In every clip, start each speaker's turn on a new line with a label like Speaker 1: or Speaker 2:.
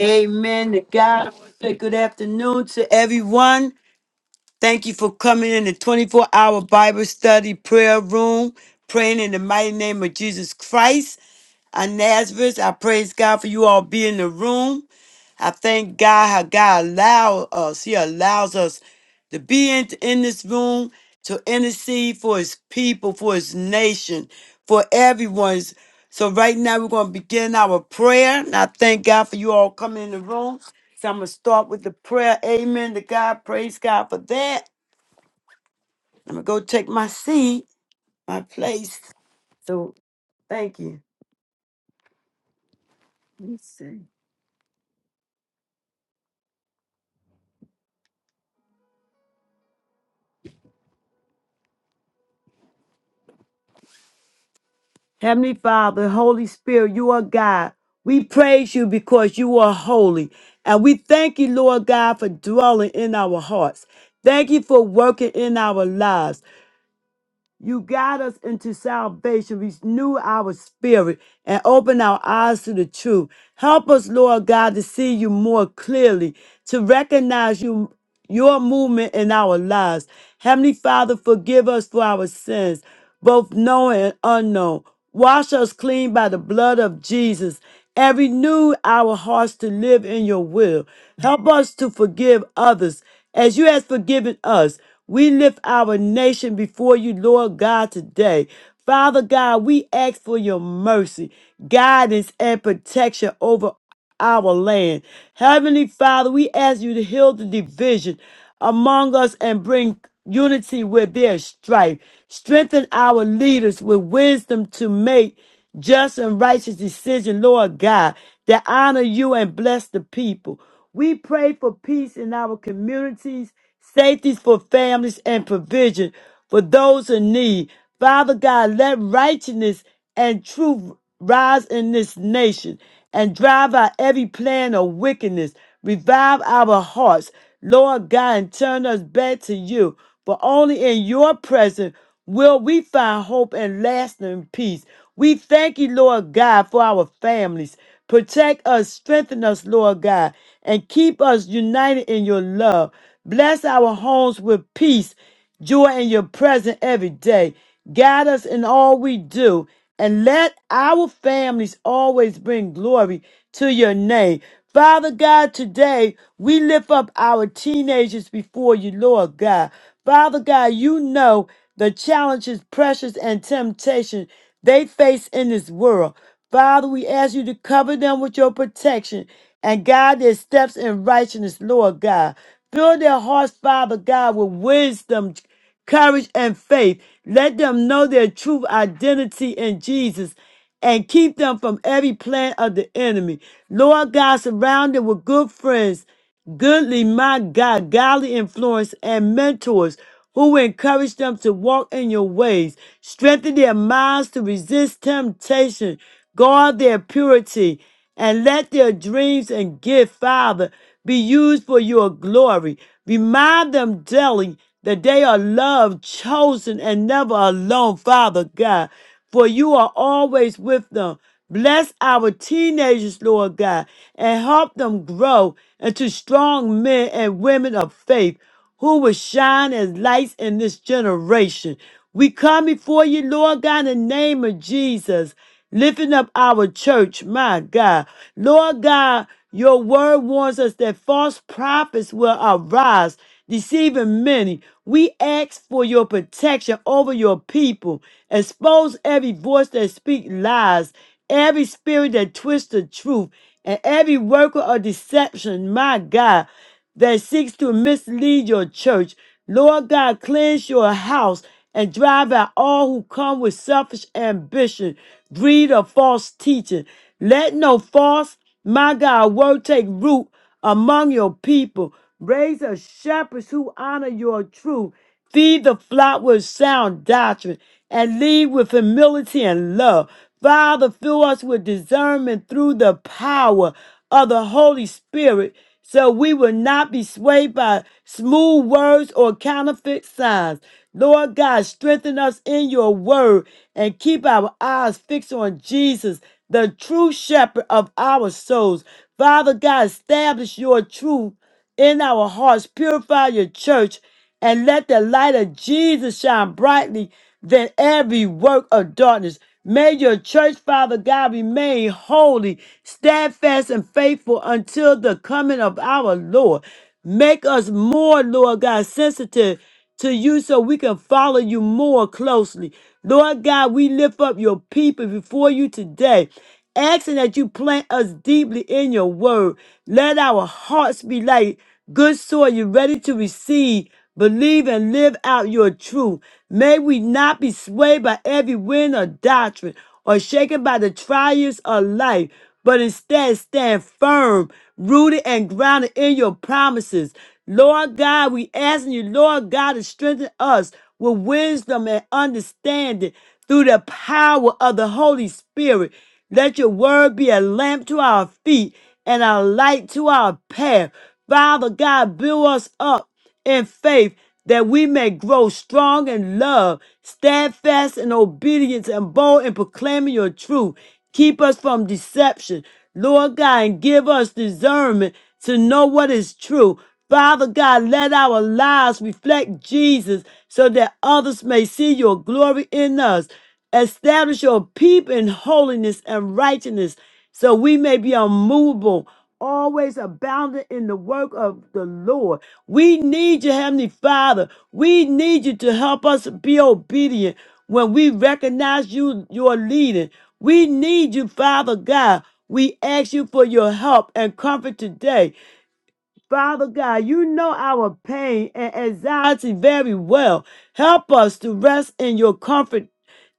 Speaker 1: Amen. To God say good afternoon to everyone. Thank you for coming in the 24 hour Bible study prayer room, praying in the mighty name of Jesus Christ. Our Nazareth, I praise God for you all being in the room. I thank God how God allow us. He allows us to be in, in this room to intercede for his people, for his nation, for everyone's. So right now we're going to begin our prayer. And I thank God for you all coming in the room. So I'm going to start with the prayer. Amen to God. Praise God for that. I'm going to go take my seat, my place. So thank you. Let me see. Heavenly Father, Holy Spirit, you are God. We praise you because you are holy. And we thank you, Lord God, for dwelling in our hearts. Thank you for working in our lives. You guide us into salvation, renew our spirit, and open our eyes to the truth. Help us, Lord God, to see you more clearly, to recognize you, your movement in our lives. Heavenly Father, forgive us for our sins, both known and unknown. Wash us clean by the blood of Jesus and renew our hearts to live in your will. Help us to forgive others as you have forgiven us, we lift our nation before you, Lord God, today. Father God, we ask for your mercy, guidance, and protection over our land. Heavenly Father, we ask you to heal the division among us and bring unity where there's strife. Strengthen our leaders with wisdom to make just and righteous decisions, Lord God, that honor you and bless the people. We pray for peace in our communities, safety for families, and provision for those in need. Father God, let righteousness and truth rise in this nation and drive out every plan of wickedness. Revive our hearts, Lord God, and turn us back to you. For only in your presence will we find hope and lasting peace. We thank you, Lord God, for our families. Protect us, strengthen us, Lord God, and keep us united in your love. Bless our homes with peace, joy in your presence every day. Guide us in all we do and let our families always bring glory to your name. Father God, today we lift up our teenagers before you, Lord God. Father God, you know the challenges, pressures, and temptation they face in this world. Father, we ask you to cover them with your protection and guide their steps in righteousness, Lord God. Fill their hearts, Father God, with wisdom courage, and faith. Let them know their true identity in Jesus and keep them from every plan of the enemy. Lord God, surround them with good friends, goodly, my God, godly influence and mentors who will encourage them to walk in your ways, strengthen their minds to resist temptation, guard their purity, and let their dreams and gift, Father, be used for your glory. Remind them daily that they are loved, chosen, and never alone, Father God, for you are always with them. Bless our teenagers, Lord God, and help them grow into strong men and women of faith who will shine as lights in this generation. We come before you, Lord God, in the name of Jesus, lifting up our church, my God. Lord God, your word warns us that false prophets will arise, deceiving many. We ask for your protection over your people. Expose every voice that speaks lies, every spirit that twists the truth, and every worker of deception, my God that seeks to mislead your church. Lord God, cleanse your house and drive out all who come with selfish ambition, greed, or false teaching. Let no false, my God, word take root among your people. Raise up shepherds who honor your truth. Feed the flock with sound doctrine and lead with humility and love. Father, fill us with discernment through the power of the Holy Spirit so we will not be swayed by smooth words or counterfeit signs. Lord God, strengthen us in your word and keep our eyes fixed on Jesus, the true shepherd of our souls. Father God, establish your truth in our hearts. Purify your church and let the light of Jesus shine brightly than every work of darkness. May your church, Father God, remain holy, steadfast, and faithful until the coming of our Lord. Make us more, Lord God, sensitive to you so we can follow you more closely. Lord God, we lift up your people before you today, asking that you plant us deeply in your word. Let our hearts be like good soil, you ready to receive. Believe and live out your truth. May we not be swayed by every wind of doctrine or shaken by the trials of life, but instead stand firm, rooted and grounded in your promises. Lord God, we asking you, Lord God, to strengthen us with wisdom and understanding through the power of the Holy Spirit. Let your word be a lamp to our feet and a light to our path. Father God, build us up in faith that we may grow strong in love, steadfast in obedience, and bold in proclaiming your truth. Keep us from deception, Lord God, and give us discernment to know what is true. Father God, let our lives reflect Jesus so that others may see your glory in us. Establish your people in holiness and righteousness so we may be unmovable always abounding in the work of the Lord. We need you, Heavenly Father. We need you to help us be obedient when we recognize you, your leading. We need you, Father God. We ask you for your help and comfort today. Father God, you know our pain and anxiety very well. Help us to rest in your comfort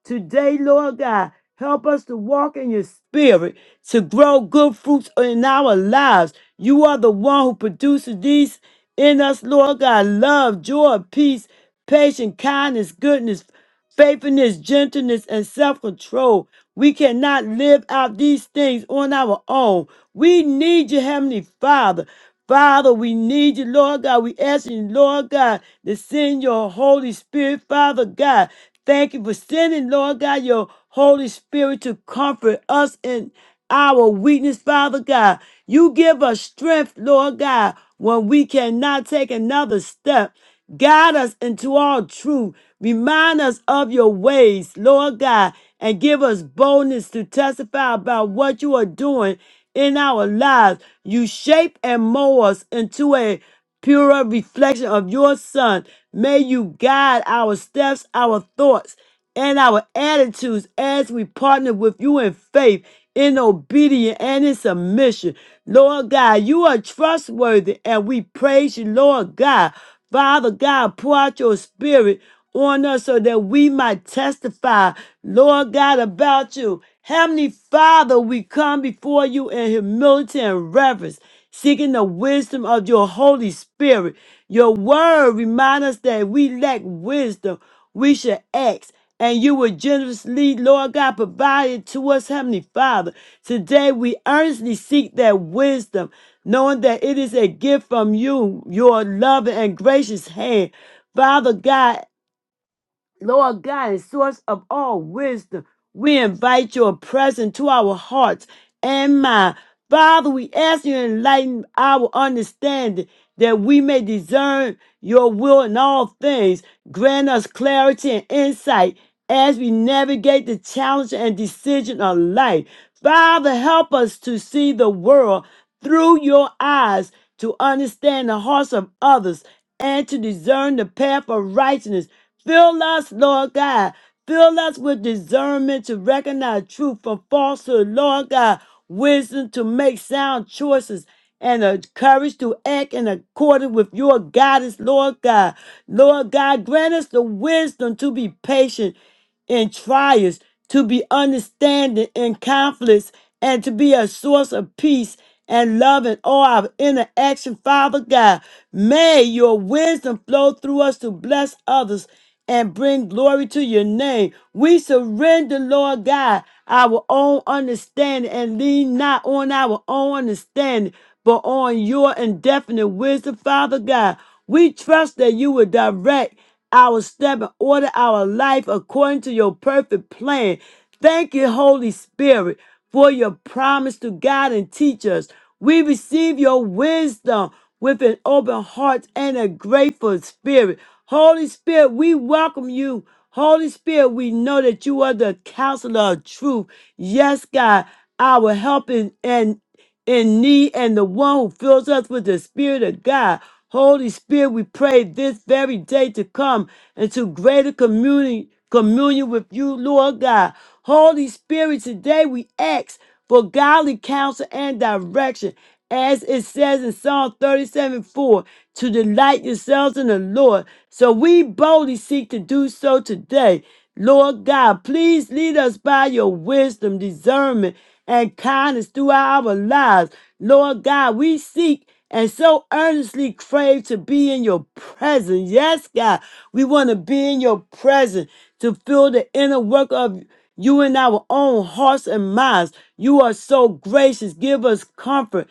Speaker 1: today, Lord God. Help us to walk in your spirit, to grow good fruits in our lives. You are the one who produces these in us, Lord God. Love, joy, peace, patience, kindness, goodness, faithfulness, gentleness, and self control. We cannot live out these things on our own. We need you, Heavenly Father. Father, we need you, Lord God. We ask you, Lord God, to send your Holy Spirit, Father God. Thank you for sending, Lord God, your Holy Spirit to comfort us in our weakness, Father God. You give us strength, Lord God, when we cannot take another step. Guide us into all truth. Remind us of your ways, Lord God, and give us boldness to testify about what you are doing in our lives. You shape and mold us into a purer reflection of your Son. May you guide our steps, our thoughts, and our attitudes as we partner with you in faith, in obedience, and in submission. Lord God, you are trustworthy, and we praise you, Lord God. Father God, pour out your spirit on us so that we might testify, Lord God, about you. Heavenly Father, we come before you in humility and reverence, seeking the wisdom of your Holy Spirit. Your word reminds us that we lack wisdom. We should ask and you will generously, Lord God, provide it to us, Heavenly Father. Today we earnestly seek that wisdom, knowing that it is a gift from you, your loving and gracious hand. Father God, Lord God, and source of all wisdom, we invite your presence to our hearts and mind. Father, we ask you to enlighten our understanding that we may discern your will in all things. Grant us clarity and insight as we navigate the challenge and decision of life. Father, help us to see the world through your eyes, to understand the hearts of others, and to discern the path of righteousness Fill us, Lord God. Fill us with discernment to recognize truth from falsehood, Lord God. Wisdom to make sound choices and the courage to act in accordance with your guidance, Lord God. Lord God, grant us the wisdom to be patient in trials, to be understanding in conflicts, and to be a source of peace and love in all our interaction, Father God. May your wisdom flow through us to bless others and bring glory to your name. We surrender, Lord God, our own understanding and lean not on our own understanding, but on your indefinite wisdom, Father God. We trust that you will direct our step and order our life according to your perfect plan. Thank you, Holy Spirit, for your promise to guide and teach us. We receive your wisdom with an open heart and a grateful spirit. Holy Spirit, we welcome you. Holy Spirit, we know that you are the counselor of truth. Yes, God, our help in, and in need and the one who fills us with the Spirit of God. Holy Spirit, we pray this very day to come into greater communion, communion with you, Lord God. Holy Spirit, today we ask for godly counsel and direction as it says in Psalm 37 4, to delight yourselves in the Lord. So we boldly seek to do so today. Lord God, please lead us by your wisdom, discernment, and kindness throughout our lives. Lord God, we seek and so earnestly crave to be in your presence. Yes, God, we want to be in your presence to feel the inner work of you in our own hearts and minds. You are so gracious. Give us comfort.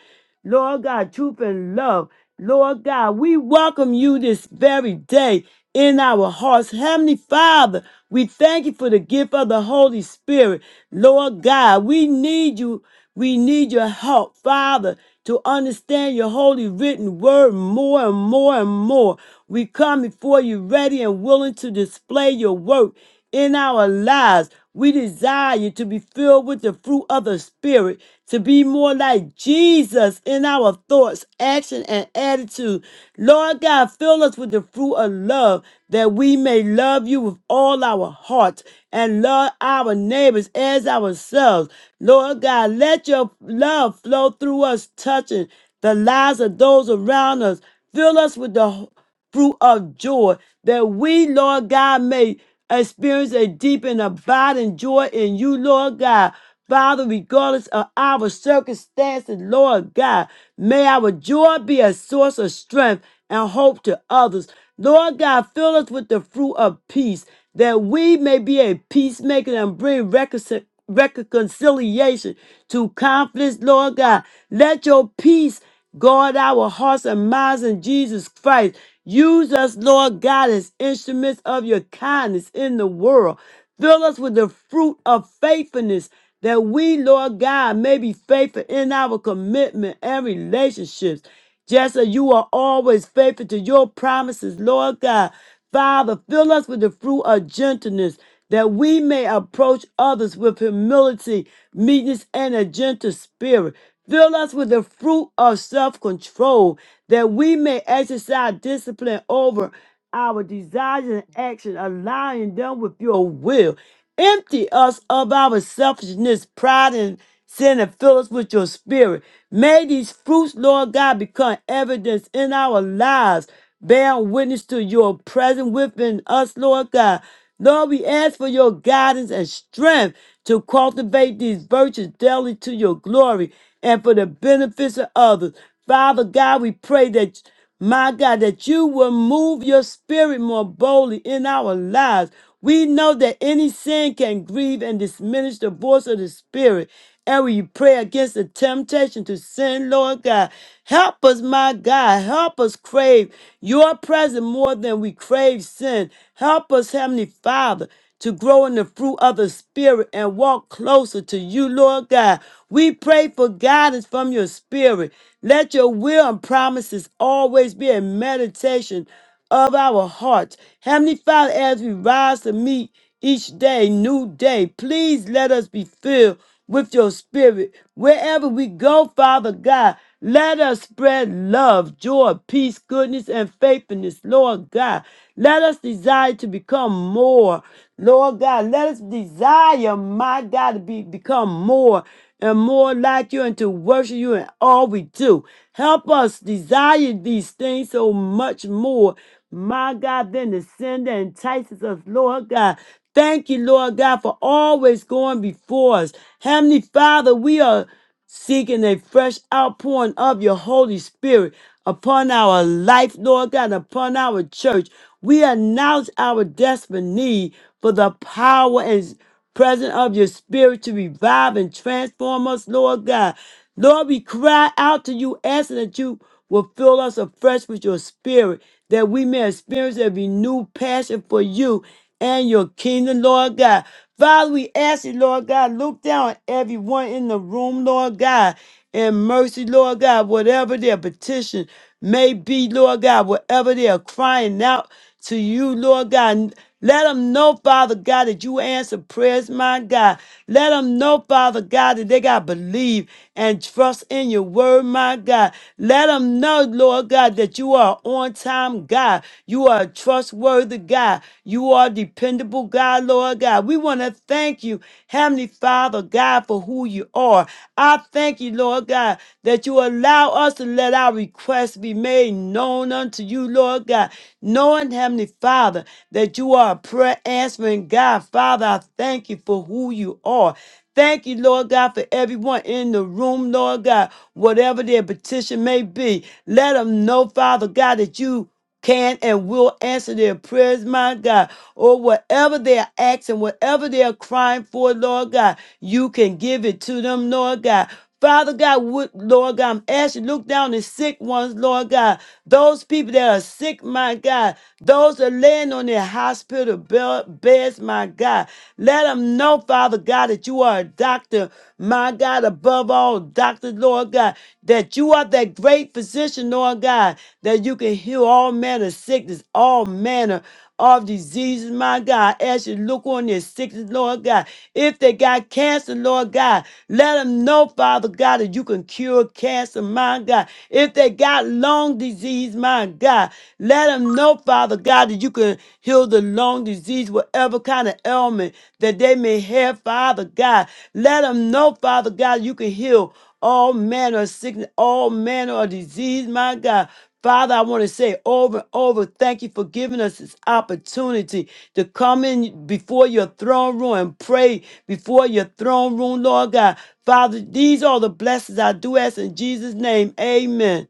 Speaker 1: Lord God, truth and love. Lord God, we welcome you this very day in our hearts. Heavenly Father, we thank you for the gift of the Holy Spirit. Lord God, we need you. We need your help, Father, to understand your holy written word more and more and more. We come before you ready and willing to display your work in our lives. We desire to be filled with the fruit of the Spirit, to be more like Jesus in our thoughts, action, and attitude. Lord God, fill us with the fruit of love that we may love you with all our heart and love our neighbors as ourselves. Lord God, let your love flow through us, touching the lives of those around us. Fill us with the fruit of joy, that we, Lord God, may experience a deep and abiding joy in you, Lord God. Father, regardless of our circumstances, Lord God, may our joy be a source of strength and hope to others. Lord God, fill us with the fruit of peace, that we may be a peacemaker and bring reconciliation reconciliation to conflicts, Lord God. Let your peace Guard our hearts and minds in Jesus Christ. Use us, Lord God, as instruments of your kindness in the world. Fill us with the fruit of faithfulness that we, Lord God, may be faithful in our commitment and relationships just as you are always faithful to your promises, Lord God. Father, fill us with the fruit of gentleness that we may approach others with humility, meekness, and a gentle spirit. Fill us with the fruit of self control that we may exercise discipline over our desires and actions aligning them with your will. Empty us of our selfishness, pride, and sin, and fill us with your spirit. May these fruits, Lord God, become evidence in our lives, bearing witness to your presence within us, Lord God. Lord, we ask for your guidance and strength to cultivate these virtues daily to your glory and for the benefits of others. Father God, we pray that. My God, that you will move your spirit more boldly in our lives. We know that any sin can grieve and diminish the voice of the spirit. And we pray against the temptation to sin, Lord God. Help us, my God. Help us crave your presence more than we crave sin. Help us, Heavenly Father to grow in the fruit of the Spirit and walk closer to you, Lord God. We pray for guidance from your Spirit. Let your will and promises always be a meditation of our hearts. Heavenly Father, as we rise to meet each day, new day, please let us be filled with your spirit. Wherever we go, Father God, let us spread love, joy, peace, goodness, and faithfulness, Lord God. Let us desire to become more, Lord God. Let us desire, my God, to be, become more and more like you and to worship you in all we do. Help us desire these things so much more, my God, than the sin that entices us, Lord God. Thank you, Lord God, for always going before us. Heavenly Father, we are seeking a fresh outpouring of your Holy Spirit upon our life, Lord God, and upon our church. We announce our desperate need for the power and presence of your Spirit to revive and transform us, Lord God. Lord, we cry out to you, asking that you will fill us afresh with your spirit, that we may experience a renewed passion for you and your kingdom, Lord God. Father, we ask you, Lord God, look down on everyone in the room, Lord God, and mercy, Lord God, whatever their petition may be, Lord God, whatever they are crying out to you, Lord God. Let them know, Father God, that you answer prayers, my God. Let them know, Father God, that they got to believe and trust in your word, my God. Let them know, Lord God, that you are on time, God. You are a trustworthy God. You are dependable, God, Lord God. We want to thank you, Heavenly Father, God, for who you are. I thank you, Lord God, that you allow us to let our requests be made known unto you, Lord God knowing, Heavenly Father, that you are a prayer answering God. Father, I thank you for who you are. Thank you, Lord God, for everyone in the room, Lord God, whatever their petition may be. Let them know, Father God, that you can and will answer their prayers, my God, or whatever they're asking, whatever they're crying for, Lord God, you can give it to them, Lord God. Father God, would, Lord God, I'm asking you to look down the sick ones, Lord God. Those people that are sick, my God. Those that are laying on their hospital bel- beds, my God. Let them know, Father God, that you are a doctor, my God, above all doctors, Lord God. That you are that great physician, Lord God. That you can heal all manner of sickness, all manner of diseases, my God. As you look on their sickness, Lord God, if they got cancer, Lord God, let them know, Father God, that you can cure cancer, my God. If they got lung disease, my God, let them know, Father God, that you can heal the lung disease, whatever kind of ailment that they may have, Father God. Let them know, Father God, you can heal all manner of sickness, all manner of disease, my God. Father, I want to say over and over, thank you for giving us this opportunity to come in before your throne room and pray before your throne room, Lord God. Father, these are the blessings I do ask in Jesus' name. Amen.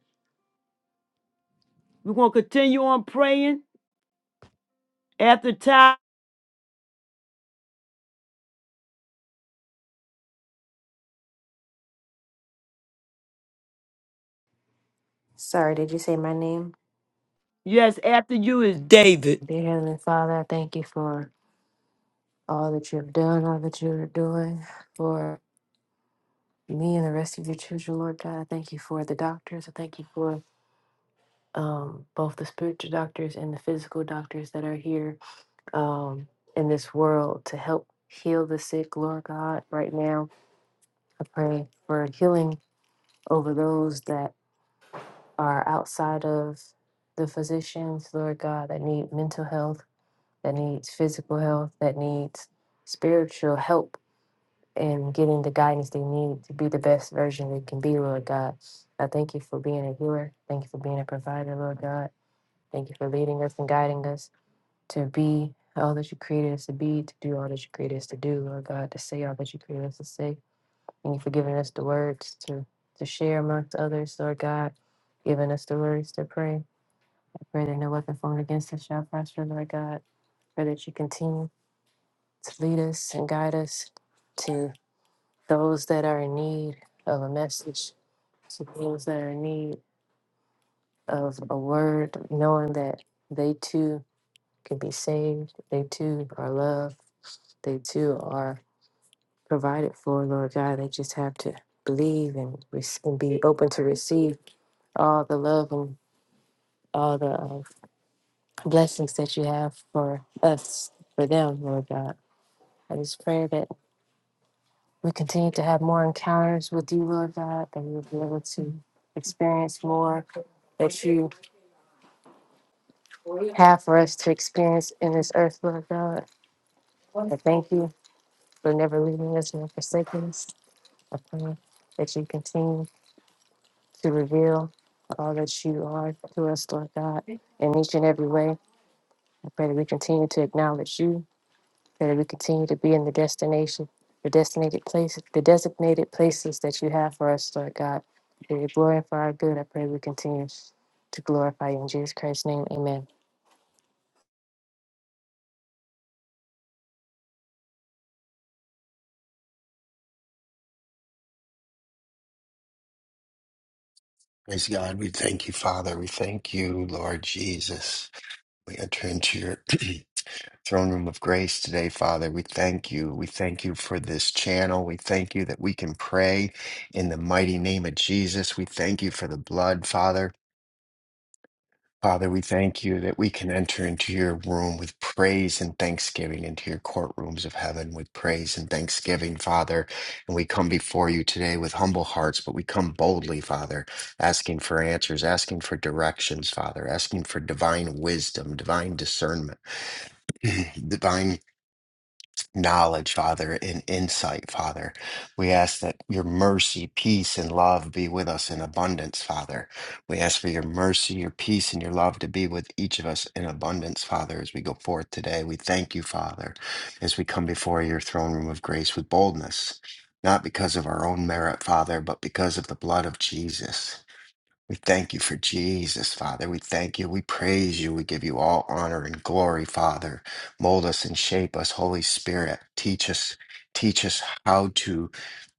Speaker 1: We're going to continue on praying after time.
Speaker 2: Sorry, did you say my name?
Speaker 1: Yes, after you is David.
Speaker 2: Dear Heavenly Father, I thank you for all that you have done, all that you are doing for me and the rest of your children, Lord God. I thank you for the doctors. I thank you for um, both the spiritual doctors and the physical doctors that are here um, in this world to help heal the sick, Lord God. Right now, I pray for healing over those that are outside of the physicians, Lord God, that need mental health that needs physical health, that needs spiritual help in getting the guidance they need to be the best version they can be, Lord God. I thank you for being a healer. Thank you for being a provider, Lord God. Thank you for leading us and guiding us to be all that you created us to be, to do all that you created us to do, Lord God, to say all that you created us to say. Thank you for giving us the words to, to share amongst others, Lord God, giving us the words to pray. I pray that no weapon formed against us shall prosper, Lord God. Pray that you continue to lead us and guide us to those that are in need of a message, to those that are in need of a word, knowing that they too can be saved, they too are loved, they too are provided for, Lord God. They just have to believe and, rec- and be open to receive all the love and all the uh, blessings that you have for us, for them, Lord God. I just pray that We continue to have more encounters with you, Lord God, that we'll be able to experience more that you have for us to experience in this earth, Lord God. I thank you for never leaving us nor forsaking us. I pray that you continue to reveal all that you are to us, Lord God, in each and every way. I pray that we continue to acknowledge you that we continue to be in the destination, the designated places, the designated places that you have for us, Lord God. For your glory and for our good, I pray we continue to glorify you in Jesus Christ's name. Amen.
Speaker 3: Praise God. We thank you, Father. We thank you, Lord Jesus. We enter into your throne room of grace today, Father. We thank you. We thank you for this channel. We thank you that we can pray in the mighty name of Jesus. We thank you for the blood, Father. Father, we thank you that we can enter into your room with praise and thanksgiving, into your courtrooms of heaven with praise and thanksgiving, Father. And we come before you today with humble hearts, but we come boldly, Father, asking for answers, asking for directions, Father, asking for divine wisdom, divine discernment, divine knowledge, Father, and insight, Father. We ask that your mercy, peace, and love be with us in abundance, Father. We ask for your mercy, your peace, and your love to be with each of us in abundance, Father, as we go forth today. We thank you, Father, as we come before your throne room of grace with boldness, not because of our own merit, Father, but because of the blood of Jesus. We thank you for Jesus, Father. We thank you. We praise you. We give you all honor and glory, Father. Mold us and shape us, Holy Spirit. Teach us, teach us how to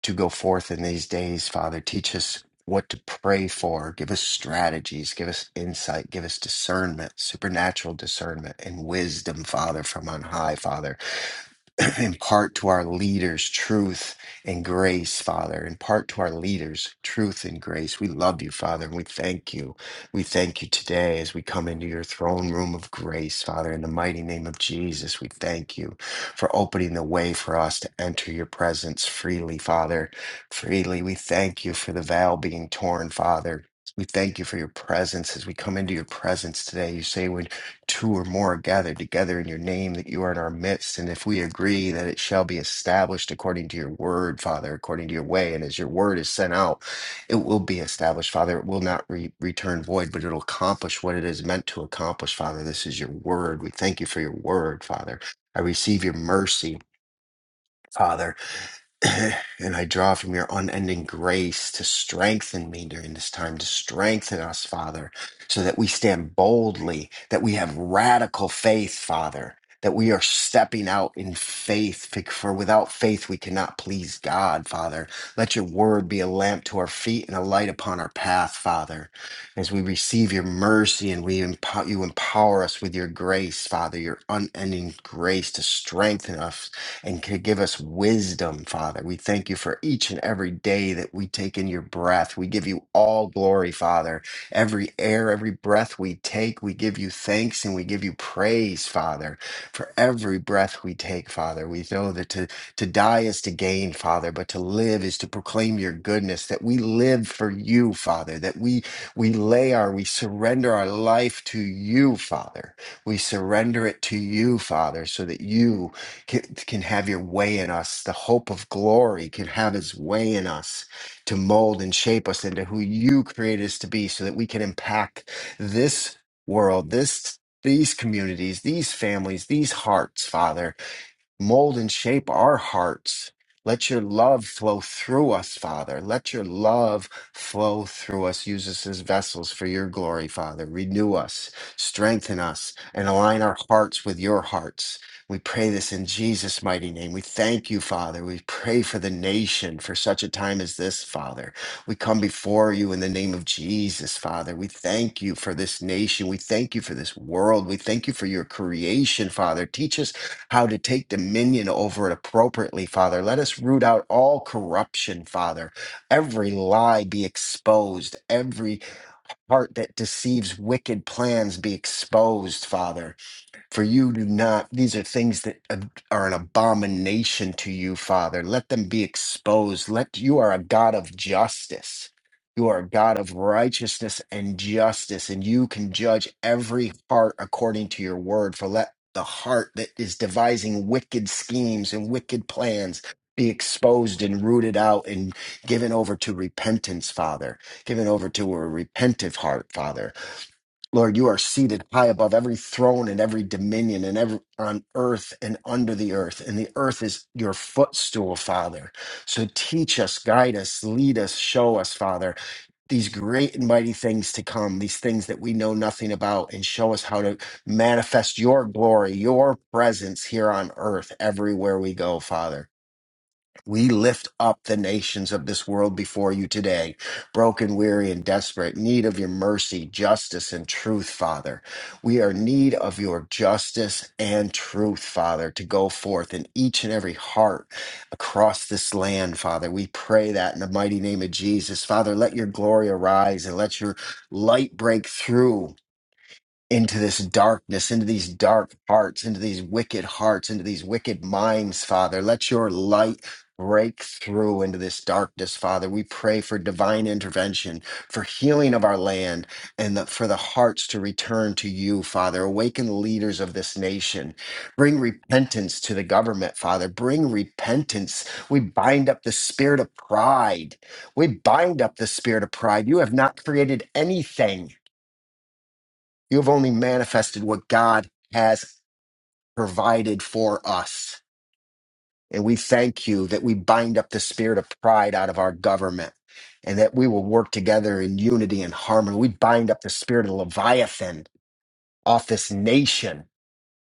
Speaker 3: to go forth in these days, Father. Teach us what to pray for. Give us strategies. Give us insight. Give us discernment, supernatural discernment and wisdom, Father, from on high, Father. impart to our leaders truth and grace, Father. Impart to our leaders truth and grace. We love you, Father, and we thank you. We thank you today as we come into your throne room of grace, Father. In the mighty name of Jesus, we thank you for opening the way for us to enter your presence freely, Father. Freely, we thank you for the veil being torn, Father. We thank you for your presence as we come into your presence today. You say when two or more are gathered together in your name, that you are in our midst. And if we agree that it shall be established according to your word, Father, according to your way, and as your word is sent out, it will be established, Father. It will not re- return void, but it'll accomplish what it is meant to accomplish, Father. This is your word. We thank you for your word, Father. I receive your mercy. Father, and I draw from your unending grace to strengthen me during this time, to strengthen us, Father, so that we stand boldly, that we have radical faith, Father, that we are stepping out in faith, bec- for without faith we cannot please God, Father. Let your word be a lamp to our feet and a light upon our path, Father. As we receive your mercy and we empower, you empower us with your grace, Father, your unending grace to strengthen us and could give us wisdom, Father. We thank you for each and every day that we take in your breath. We give you all glory, Father. Every air, every breath we take, we give you thanks and we give you praise, Father, for every breath we take, Father. We know that to, to die is to gain, Father, but to live is to proclaim your goodness, that we live for you, Father, that we we lay our, we surrender our life to you, Father. We surrender it to you, Father, so that you can, can have your way in us. The hope of glory can have its way in us to mold and shape us into who you created us to be so that we can impact this world, this these communities, these families, these hearts, Father Mold and shape our hearts. Let your love flow through us, Father. Let your love flow through us. Use us as vessels for your glory, Father. Renew us, strengthen us, and align our hearts with your hearts. We pray this in Jesus' mighty name. We thank you, Father. We pray for the nation for such a time as this, Father. We come before you in the name of Jesus, Father. We thank you for this nation. We thank you for this world. We thank you for your creation, Father. Teach us how to take dominion over it appropriately, Father. Let us root out all corruption, Father. Every lie be exposed, every heart that deceives wicked plans be exposed, Father. For you do not, these are things that ab- are an abomination to you, Father. Let them be exposed. Let you are a God of justice. You are a God of righteousness and justice, and you can judge every heart according to your word. For let the heart that is devising wicked schemes and wicked plans be exposed and rooted out and given over to repentance, Father, given over to a repentive heart, Father. Lord, you are seated high above every throne and every dominion and every on earth and under the earth. And the earth is your footstool, Father. So teach us, guide us, lead us, show us, Father, these great and mighty things to come, these things that we know nothing about, and show us how to manifest your glory, your presence here on earth everywhere we go, Father. We lift up the nations of this world before you today, broken, weary, and desperate, need of your mercy, justice, and truth, Father. We are in need of your justice and truth, Father, to go forth in each and every heart across this land, Father. We pray that in the mighty name of Jesus. Father, let your glory arise and let your light break through into this darkness, into these dark hearts, into these wicked hearts, into these wicked minds, Father. Let your light break through into this darkness, Father. We pray for divine intervention, for healing of our land, and that for the hearts to return to you, Father. Awaken the leaders of this nation. Bring repentance to the government, Father. Bring repentance. We bind up the spirit of pride. We bind up the spirit of pride. You have not created anything you have only manifested what God has provided for us. And we thank you that we bind up the spirit of pride out of our government and that we will work together in unity and harmony. We bind up the spirit of Leviathan off this nation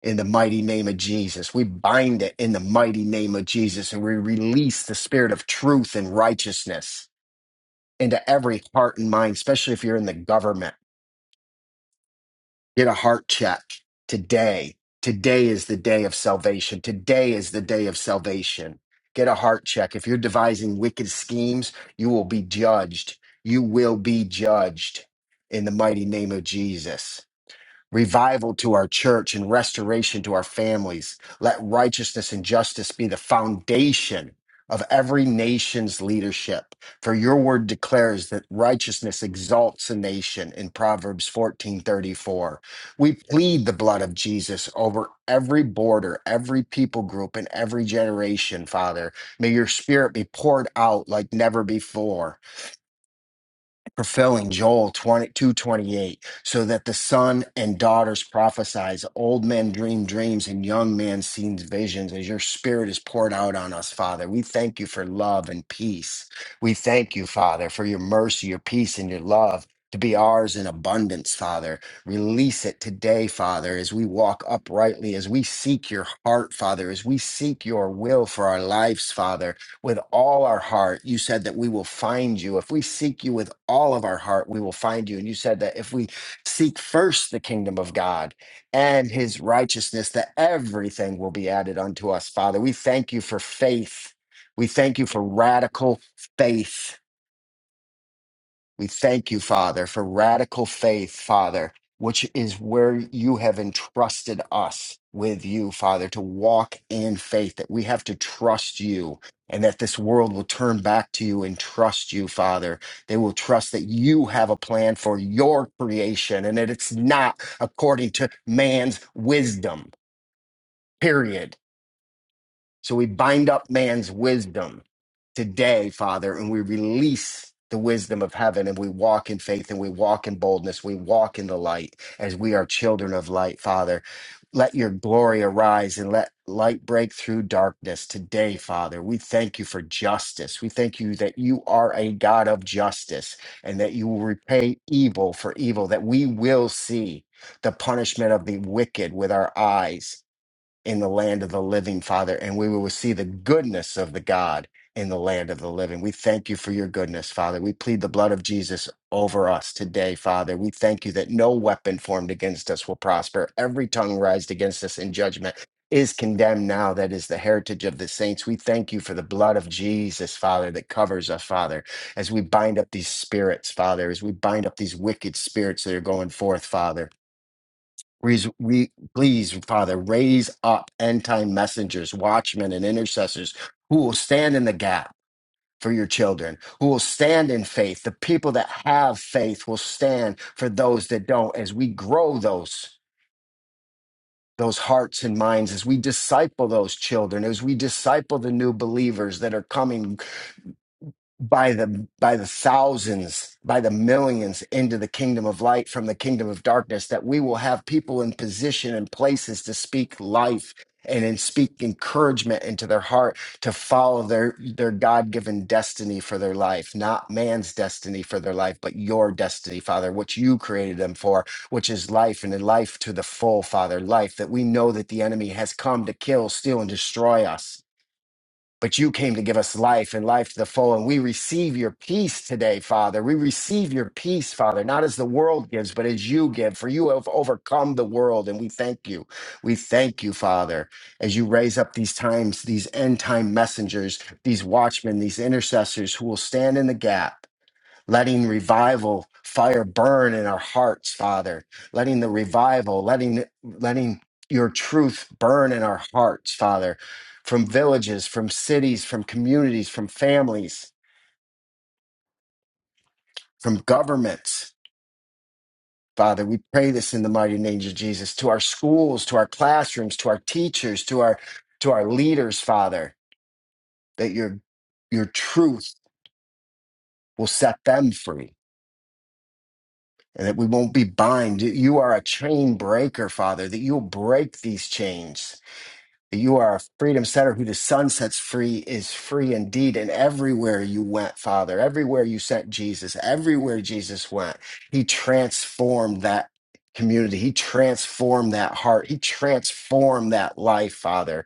Speaker 3: in the mighty name of Jesus. We bind it in the mighty name of Jesus and we release the spirit of truth and righteousness into every heart and mind, especially if you're in the government. Get a heart check today. Today is the day of salvation. Today is the day of salvation. Get a heart check. If you're devising wicked schemes, you will be judged. You will be judged in the mighty name of Jesus revival to our church and restoration to our families. Let righteousness and justice be the foundation of every nation's leadership. For your word declares that righteousness exalts a nation in Proverbs 14:34. We plead the blood of Jesus over every border, every people group and every generation, Father. May your spirit be poured out like never before fulfilling Joel 22 twenty-eight, so that the son and daughters prophesize, old men dream dreams, and young men see visions, as your spirit is poured out on us, Father. We thank you for love and peace. We thank you, Father, for your mercy, your peace, and your love. To be ours in abundance, Father. Release it today, Father, as we walk uprightly, as we seek your heart, Father, as we seek your will for our lives, Father with all our heart. You said that we will find you. If we seek you with all of our heart, we will find you. And you said that if we seek first the kingdom of God and his righteousness, that everything will be added unto us, Father. We thank you for faith. We thank you for radical faith we thank you, Father, for radical faith, Father, which is where you have entrusted us with you, Father, to walk in faith, that we have to trust you and that this world will turn back to you and trust you, Father. They will trust that you have a plan for your creation and that it's not according to man's wisdom, period so we bind up man's wisdom today, Father, and we release the wisdom of heaven and we walk in faith and we walk in boldness. We walk in the light as we are children of light, Father. Let your glory arise and let light break through darkness today, Father. We thank you for justice. We thank you that you are a God of justice and that you will repay evil for evil, that we will see the punishment of the wicked with our eyes in the land of the living, Father, and we will see the goodness of the God in the land of the living. We thank you for your goodness, Father. We plead the blood of Jesus over us today, Father. We thank you that no weapon formed against us will prosper. Every tongue raised against us in judgment is condemned now. That is the heritage of the saints. We thank you for the blood of Jesus, Father, that covers us, Father, as we bind up these spirits, Father, as we bind up these wicked spirits that are going forth, Father. Please, we please, Father, raise up end time messengers, watchmen, and intercessors who will stand in the gap for your children, who will stand in faith. The people that have faith will stand for those that don't. As we grow those those hearts and minds, as we disciple those children, as we disciple the new believers that are coming by the by the thousands by the millions into the kingdom of light from the kingdom of darkness that we will have people in position and places to speak life and then speak encouragement into their heart to follow their their god-given destiny for their life not man's destiny for their life but your destiny father which you created them for which is life and in life to the full father life that we know that the enemy has come to kill steal and destroy us but you came to give us life and life to the full. And we receive your peace today, Father. We receive your peace, Father, not as the world gives, but as you give, for you have overcome the world. And we thank you. We thank you, Father, as you raise up these times, these end time messengers, these watchmen, these intercessors who will stand in the gap letting revival fire burn in our hearts, Father, letting the revival, letting, letting your truth burn in our hearts, Father, from villages, from cities, from communities, from families, from governments. Father, we pray this in the mighty name of Jesus to our schools, to our classrooms, to our teachers, to our to our leaders, Father, that your your truth will set them free and that we won't be bind. You are a chain breaker, Father, that you'll break these chains. That you are a freedom setter who the sun sets free is free indeed. And everywhere you went, Father, everywhere you sent Jesus, everywhere Jesus went, he transformed that community. He transformed that heart. He transformed that life, Father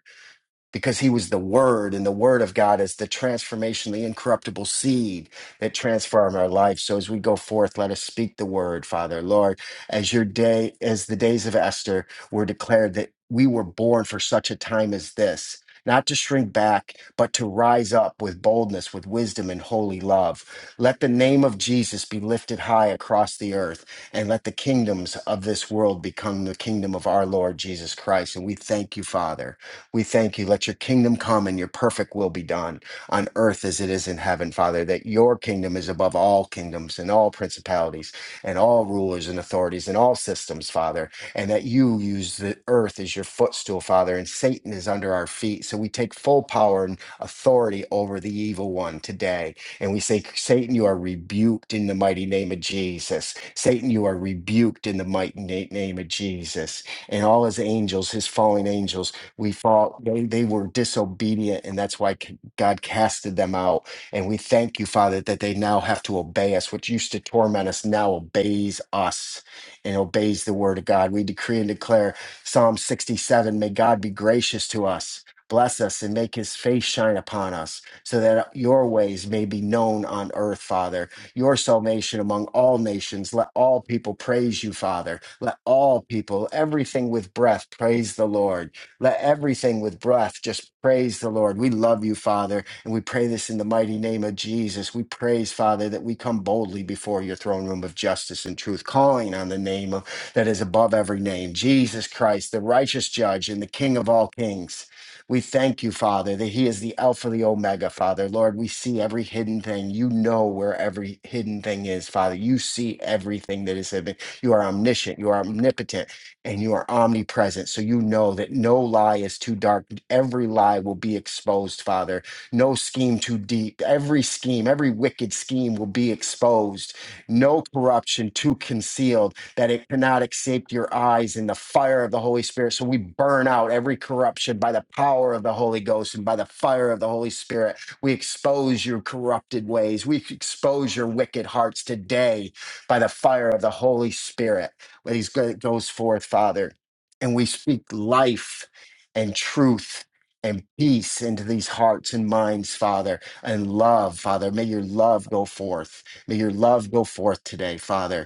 Speaker 3: because he was the word and the word of god is the transformation the incorruptible seed that transform our life so as we go forth let us speak the word father lord as your day as the days of esther were declared that we were born for such a time as this not to shrink back, but to rise up with boldness, with wisdom and holy love. Let the name of Jesus be lifted high across the earth, and let the kingdoms of this world become the kingdom of our Lord Jesus Christ. And we thank you, Father. We thank you. Let your kingdom come and your perfect will be done on earth as it is in heaven, Father, that your kingdom is above all kingdoms and all principalities and all rulers and authorities and all systems, Father, and that you use the earth as your footstool, Father, and Satan is under our feet. So we take full power and authority over the evil one today. And we say, Satan, you are rebuked in the mighty name of Jesus. Satan, you are rebuked in the mighty na- name of Jesus. And all his angels, his fallen angels, we thought they, they were disobedient, and that's why c- God casted them out. And we thank you, Father, that they now have to obey us. What used to torment us now obeys us and obeys the word of God. We decree and declare Psalm 67 may God be gracious to us. Bless us and make his face shine upon us, so that your ways may be known on earth, Father. Your salvation among all nations. Let all people praise you, Father. Let all people, everything with breath, praise the Lord. Let everything with breath just praise the Lord. We love you, Father, and we pray this in the mighty name of Jesus. We praise, Father, that we come boldly before your throne room of justice and truth, calling on the name of, that is above every name, Jesus Christ, the righteous judge and the King of all kings. We thank you, Father, that He is the Alpha, the Omega, Father. Lord, we see every hidden thing. You know where every hidden thing is, Father. You see everything that is hidden. You are omniscient. You are omnipotent and you are omnipresent. So you know that no lie is too dark. Every lie will be exposed, Father. No scheme too deep. Every scheme, every wicked scheme will be exposed. No corruption too concealed that it cannot escape your eyes in the fire of the Holy Spirit. So we burn out every corruption by the power of the Holy Ghost and by the fire of the Holy Spirit. We expose your corrupted ways. We expose your wicked hearts today by the fire of the Holy Spirit but he goes forth, Father, and we speak life and truth and peace into these hearts and minds, Father, and love, Father. May your love go forth. May your love go forth today, Father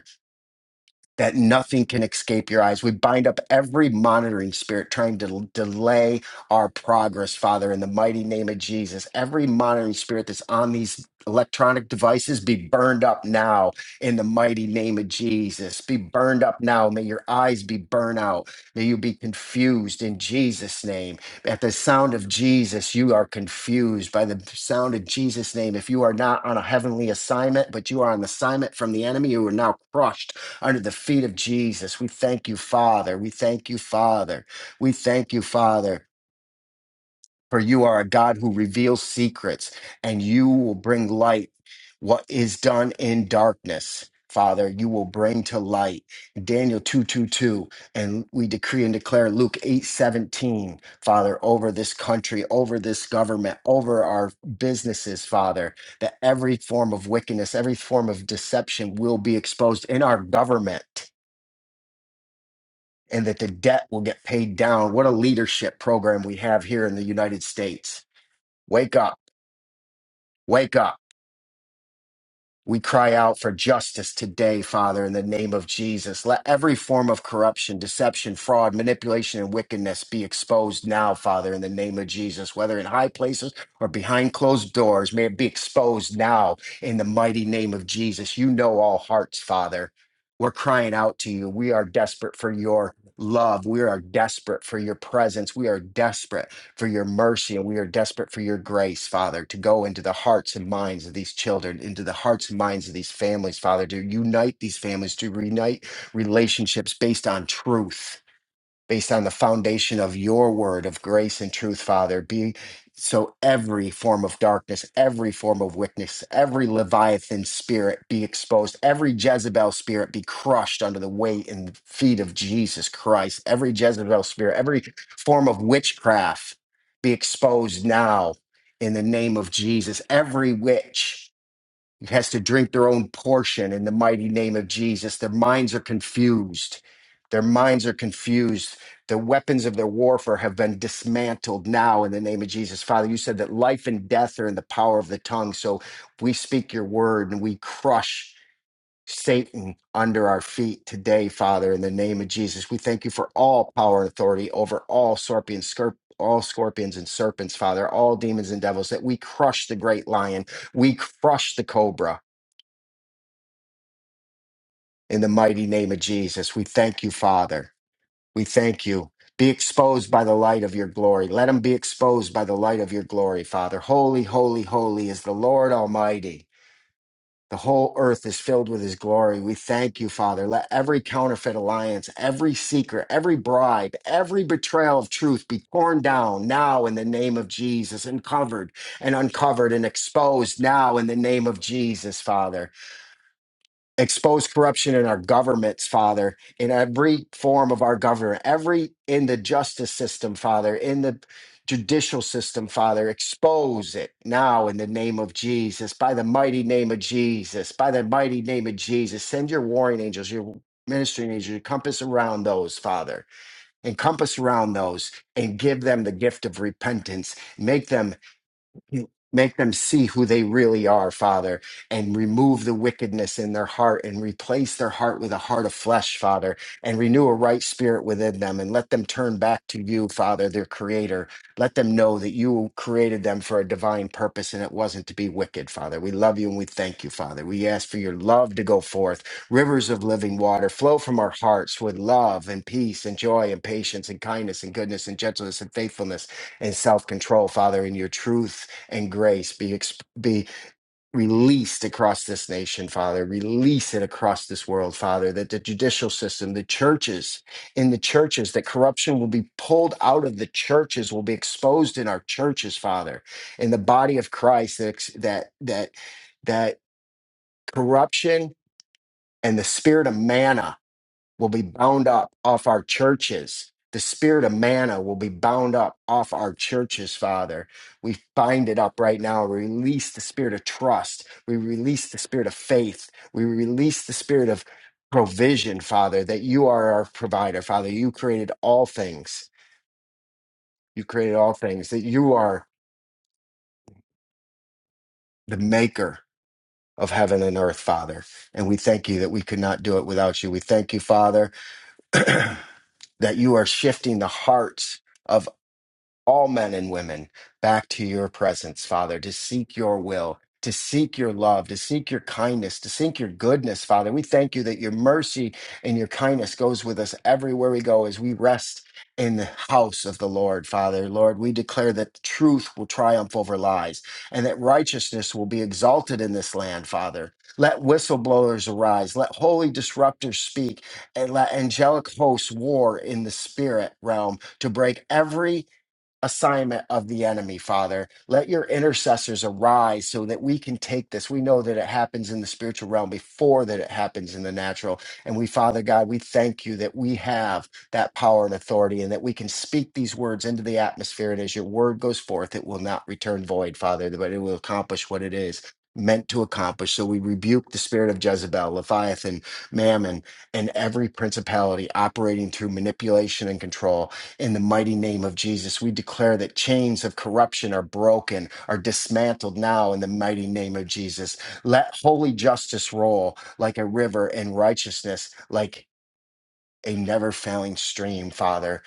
Speaker 3: that nothing can escape your eyes. We bind up every monitoring spirit trying to l- delay our progress, Father, in the mighty name of Jesus. Every monitoring spirit that's on these electronic devices be burned up now in the mighty name of Jesus. Be burned up now. May your eyes be burned out. May you be confused in Jesus' name. At the sound of Jesus, you are confused by the sound of Jesus' name. If you are not on a heavenly assignment, but you are on the assignment from the enemy, you are now crushed under the feet of Jesus. We thank you, Father. We thank you, Father. We thank you, Father, for you are a God who reveals secrets and you will bring light what is done in darkness. Father, you will bring to light Daniel 222 and we decree and declare Luke 817, Father, over this country, over this government, over our businesses, Father, that every form of wickedness, every form of deception will be exposed in our government and that the debt will get paid down. What a leadership program we have here in the United States. Wake up, wake up. We cry out for justice today, Father, in the name of Jesus. Let every form of corruption, deception, fraud, manipulation, and wickedness be exposed now, Father, in the name of Jesus, whether in high places or behind closed doors. May it be exposed now in the mighty name of Jesus. You know all hearts, Father. We're crying out to you. We are desperate for your love. We are desperate for your presence. We are desperate for your mercy, and we are desperate for your grace, Father, to go into the hearts and minds of these children, into the hearts and minds of these families, Father, to unite these families, to reunite relationships based on truth based on the foundation of your word of grace and truth, Father. Be so every form of darkness, every form of wickedness, every Leviathan spirit be exposed, every Jezebel spirit be crushed under the weight and feet of Jesus Christ, every Jezebel spirit, every form of witchcraft be exposed now in the name of Jesus, every witch has to drink their own portion in the mighty name of Jesus. Their minds are confused. Their minds are confused. The weapons of their warfare have been dismantled now in the name of Jesus. Father, you said that life and death are in the power of the tongue. So we speak your word and we crush Satan under our feet today, Father, in the name of Jesus. We thank you for all power and authority over all scorpions, scur- all scorpions and serpents, Father, all demons and devils, that we crush the great lion. We crush the cobra. In the mighty name of Jesus, we thank you, Father. We thank you. Be exposed by the light of your glory. Let them be exposed by the light of your glory, Father. Holy, holy, holy is the Lord Almighty. The whole earth is filled with his glory. We thank you, Father. Let every counterfeit alliance, every secret, every bribe, every betrayal of truth be torn down now in the name of Jesus and covered and uncovered and exposed now in the name of Jesus, Father expose corruption in our governments, Father, in every form of our government, every in the justice system, Father, in the judicial system, Father, expose it now in the name of Jesus, by the mighty name of Jesus, by the mighty name of Jesus. Send your warring angels, your ministering angels, your compass around those, Father, encompass around those and give them the gift of repentance. Make them Make them see who they really are, Father, and remove the wickedness in their heart and replace their heart with a heart of flesh, Father, and renew a right spirit within them and let them turn back to you, Father, their creator. Let them know that you created them for a divine purpose and it wasn't to be wicked, Father. We love you and we thank you, Father. We ask for your love to go forth. Rivers of living water flow from our hearts with love and peace and joy and patience and kindness and goodness and gentleness and faithfulness and self control, Father, in your truth and grace be exp- be released across this nation, Father. Release it across this world, Father. That the judicial system, the churches, in the churches, that corruption will be pulled out of the churches, will be exposed in our churches, Father, in the body of Christ. That ex- that that that corruption and the spirit of manna will be bound up off our churches. The spirit of manna will be bound up off our churches, Father. We bind it up right now. We release the spirit of trust. We release the spirit of faith. We release the spirit of provision, Father, that you are our provider, Father. You created all things. You created all things, that you are the maker of heaven and earth, Father. And we thank you that we could not do it without you. We thank you, Father, that you are shifting the hearts. of. all men and women back to your presence, Father, to seek your will, to seek your love, to seek your kindness, to seek your goodness, Father. We thank you that your mercy and your kindness goes with us everywhere we go as we rest in the house of the Lord, Father. Lord, we declare that truth will triumph over lies and that righteousness will be exalted in this land, Father. Let whistleblowers arise, let holy disruptors speak, and let angelic hosts war in the spirit realm to break every assignment of the enemy, Father. Let your intercessors arise so that we can take this. We know that it happens in the spiritual realm before that it happens in the natural. And we, Father God, we thank you that we have that power and authority and that we can speak these words into the atmosphere. And as your word goes forth, it will not return void, Father, but it will accomplish what it is. Meant to accomplish. So we rebuke the spirit of Jezebel, Leviathan, Mammon, and every principality operating through manipulation and control. In the mighty name of Jesus, we declare that chains of corruption are broken, are dismantled now in the mighty name of Jesus. Let holy justice roll like a river and righteousness like a never failing stream, Father.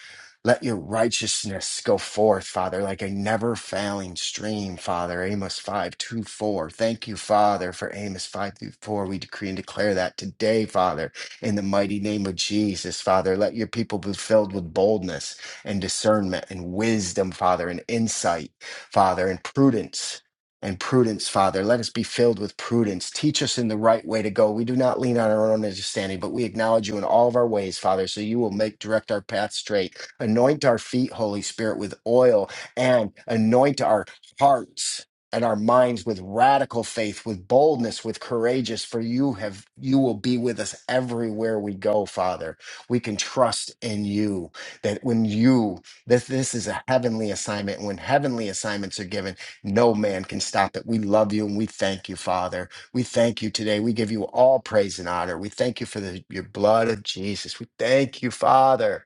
Speaker 3: Let your righteousness go forth, Father, like a never failing stream, Father. Amos 5 2 4. Thank you, Father, for Amos 5 through 4. We decree and declare that today, Father, in the mighty name of Jesus, Father. Let your people be filled with boldness and discernment and wisdom, Father, and insight, Father, and prudence and prudence, Father. Let us be filled with prudence. Teach us in the right way to go. We do not lean on our own understanding, but we acknowledge you in all of our ways, Father, so you will make direct our path straight. Anoint our feet, Holy Spirit, with oil and anoint our hearts and our minds with radical faith, with boldness, with courageous, for you have you will be with us everywhere we go, Father. We can trust in you that when you this this is a heavenly assignment, and when heavenly assignments are given no man can stop it. We love you and we thank you, Father. We thank you today. We give you all praise and honor. We thank you for the, your blood of Jesus. We thank you, Father.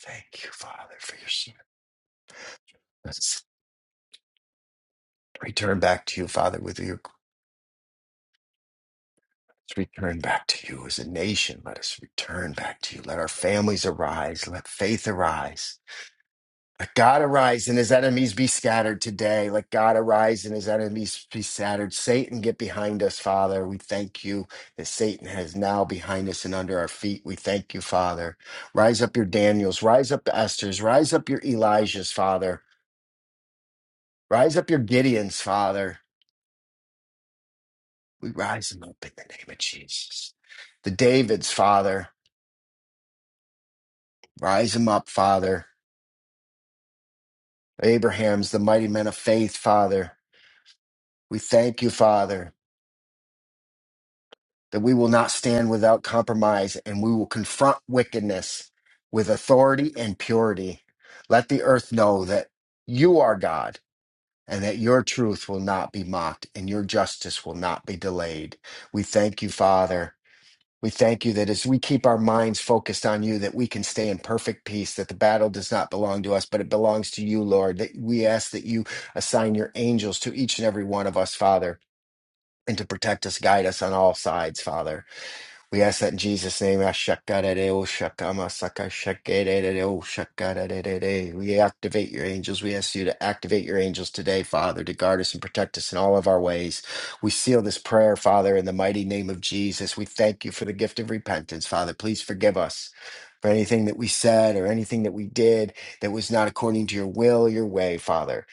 Speaker 3: Thank you, Father, for your son. Let's return back to you, Father, with your let's return back to you as a nation. Let us return back to you. Let our families arise. Let faith arise. Let God arise and his enemies be scattered today. Let God arise and his enemies be scattered. Satan, get behind us, Father. We thank you that Satan has now behind us and under our feet. We thank you, Father. Rise up your Daniels, rise up the Esthers, rise up your Elijahs, Father. Rise up your Gideons, Father. We rise them up in the name of Jesus. The Davids, Father. Rise them up, Father. Abraham's, the mighty men of faith, Father. We thank you, Father. that we will not stand without compromise and we will confront wickedness with authority and purity. Let the earth know that you are God and that your truth will not be mocked and your justice will not be delayed. We thank you, Father. We thank you that as we keep our minds focused on you, that we can stay in perfect peace, that the battle does not belong to us, but it belongs to you, Lord. That we ask that you assign your angels to each and every one of us, Father, and to protect us, guide us on all sides, Father. We ask that in Jesus' name. Ashakadadeo, shakamasaka, shakadadadeo, shakadadadade. We activate your angels. We ask you to activate your angels today, Father, to guard us and protect us in all of our ways. We seal this prayer, Father, in the mighty name of Jesus. We thank you for the gift of repentance, Father. Please forgive us for anything that we said or anything that we did that was not according to your will, your way, Father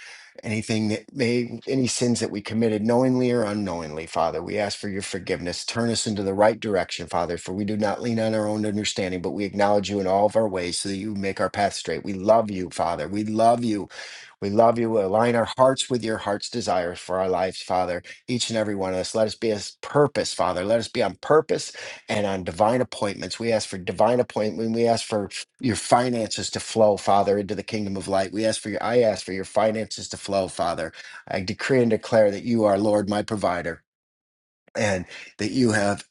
Speaker 3: anything that may any sins that we committed knowingly or unknowingly father we ask for your forgiveness turn us into the right direction father for we do not lean on our own understanding but we acknowledge you in all of our ways so that you make our path straight we love you father we love you we love you. We align our hearts with your heart's desires for our lives, Father. Each and every one of us. Let us be as purpose, Father. Let us be on purpose and on divine appointments. We ask for divine appointment. We ask for your finances to flow, Father, into the kingdom of light. We ask for your I ask for your finances to flow, Father. I decree and declare that you are Lord, my provider. And that you have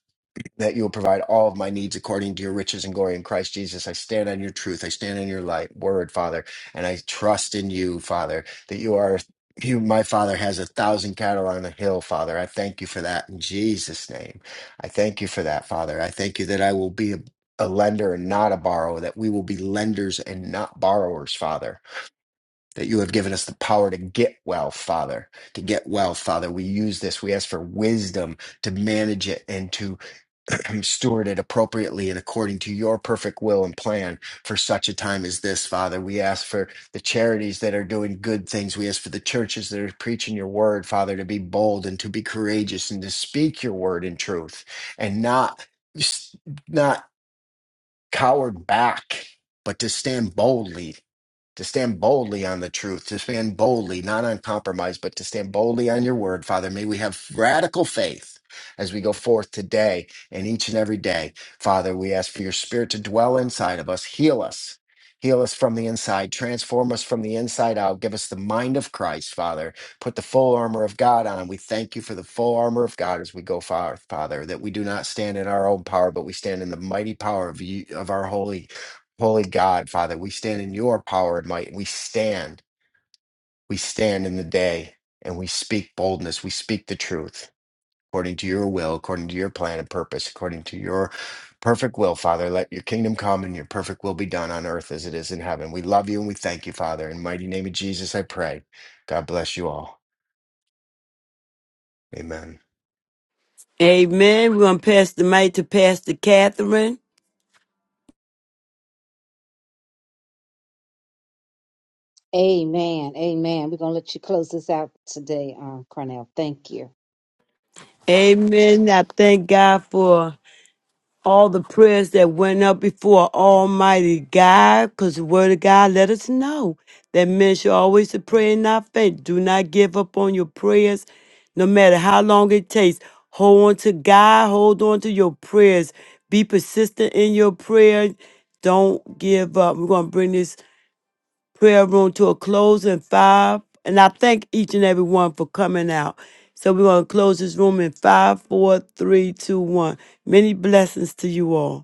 Speaker 3: that you will provide all of my needs according to your riches and glory in Christ Jesus. I stand on your truth. I stand on your light word, Father, and I trust in you, Father, that you are you my father has a thousand cattle on a hill, Father. I thank you for that in Jesus' name. I thank you for that, Father. I thank you that I will be a, a lender and not a borrower, that we will be lenders and not borrowers, Father. That you have given us the power to get wealth, Father. To get wealth, Father. We use this. We ask for wisdom to manage it and to steward it appropriately and according to your perfect will and plan for such a time as this, Father. We ask for the charities that are doing good things. We ask for the churches that are preaching your word, Father, to be bold and to be courageous and to speak your word in truth and not. Not cowered back, but to stand boldly, to stand boldly on the truth, to stand boldly, not on compromise, but to stand boldly on your word, Father. May we have radical faith as we go forth today and each and every day. Father, we ask for your spirit to dwell inside of us, heal us. Heal us from the inside, transform us from the inside out, give us the mind of Christ, Father, put the full armor of God on. We thank you for the full armor of God as we go far, Father, that we do not stand in our own power, but we stand in the mighty power of you of our holy, holy God, Father. We stand in your power and might. We stand, we stand in the day and we speak boldness. We speak the truth according to your will, according to your plan and purpose, according to your perfect will, Father. Let your kingdom come and your perfect will be done on earth as it is in heaven. We love you and we thank you, Father. In the mighty name of Jesus, I pray. God bless you all. Amen.
Speaker 1: Amen. We're going to pass the mic to Pastor Catherine.
Speaker 4: Amen. Amen. We're going to let you close this out today, um, Cornell. Thank you.
Speaker 1: Amen. I thank God for all the prayers that went up before Almighty God, because the Word of God let us know that men should always to pray and not faint. Do not give up on your prayers, no matter how long it takes. Hold on to God, hold on to your prayers. Be persistent in your prayer. Don't give up. We're going to bring this prayer room to a close in five. And I thank each and every one for coming out. So we're going to close this room in five, four, three, two, one. Many blessings to you all.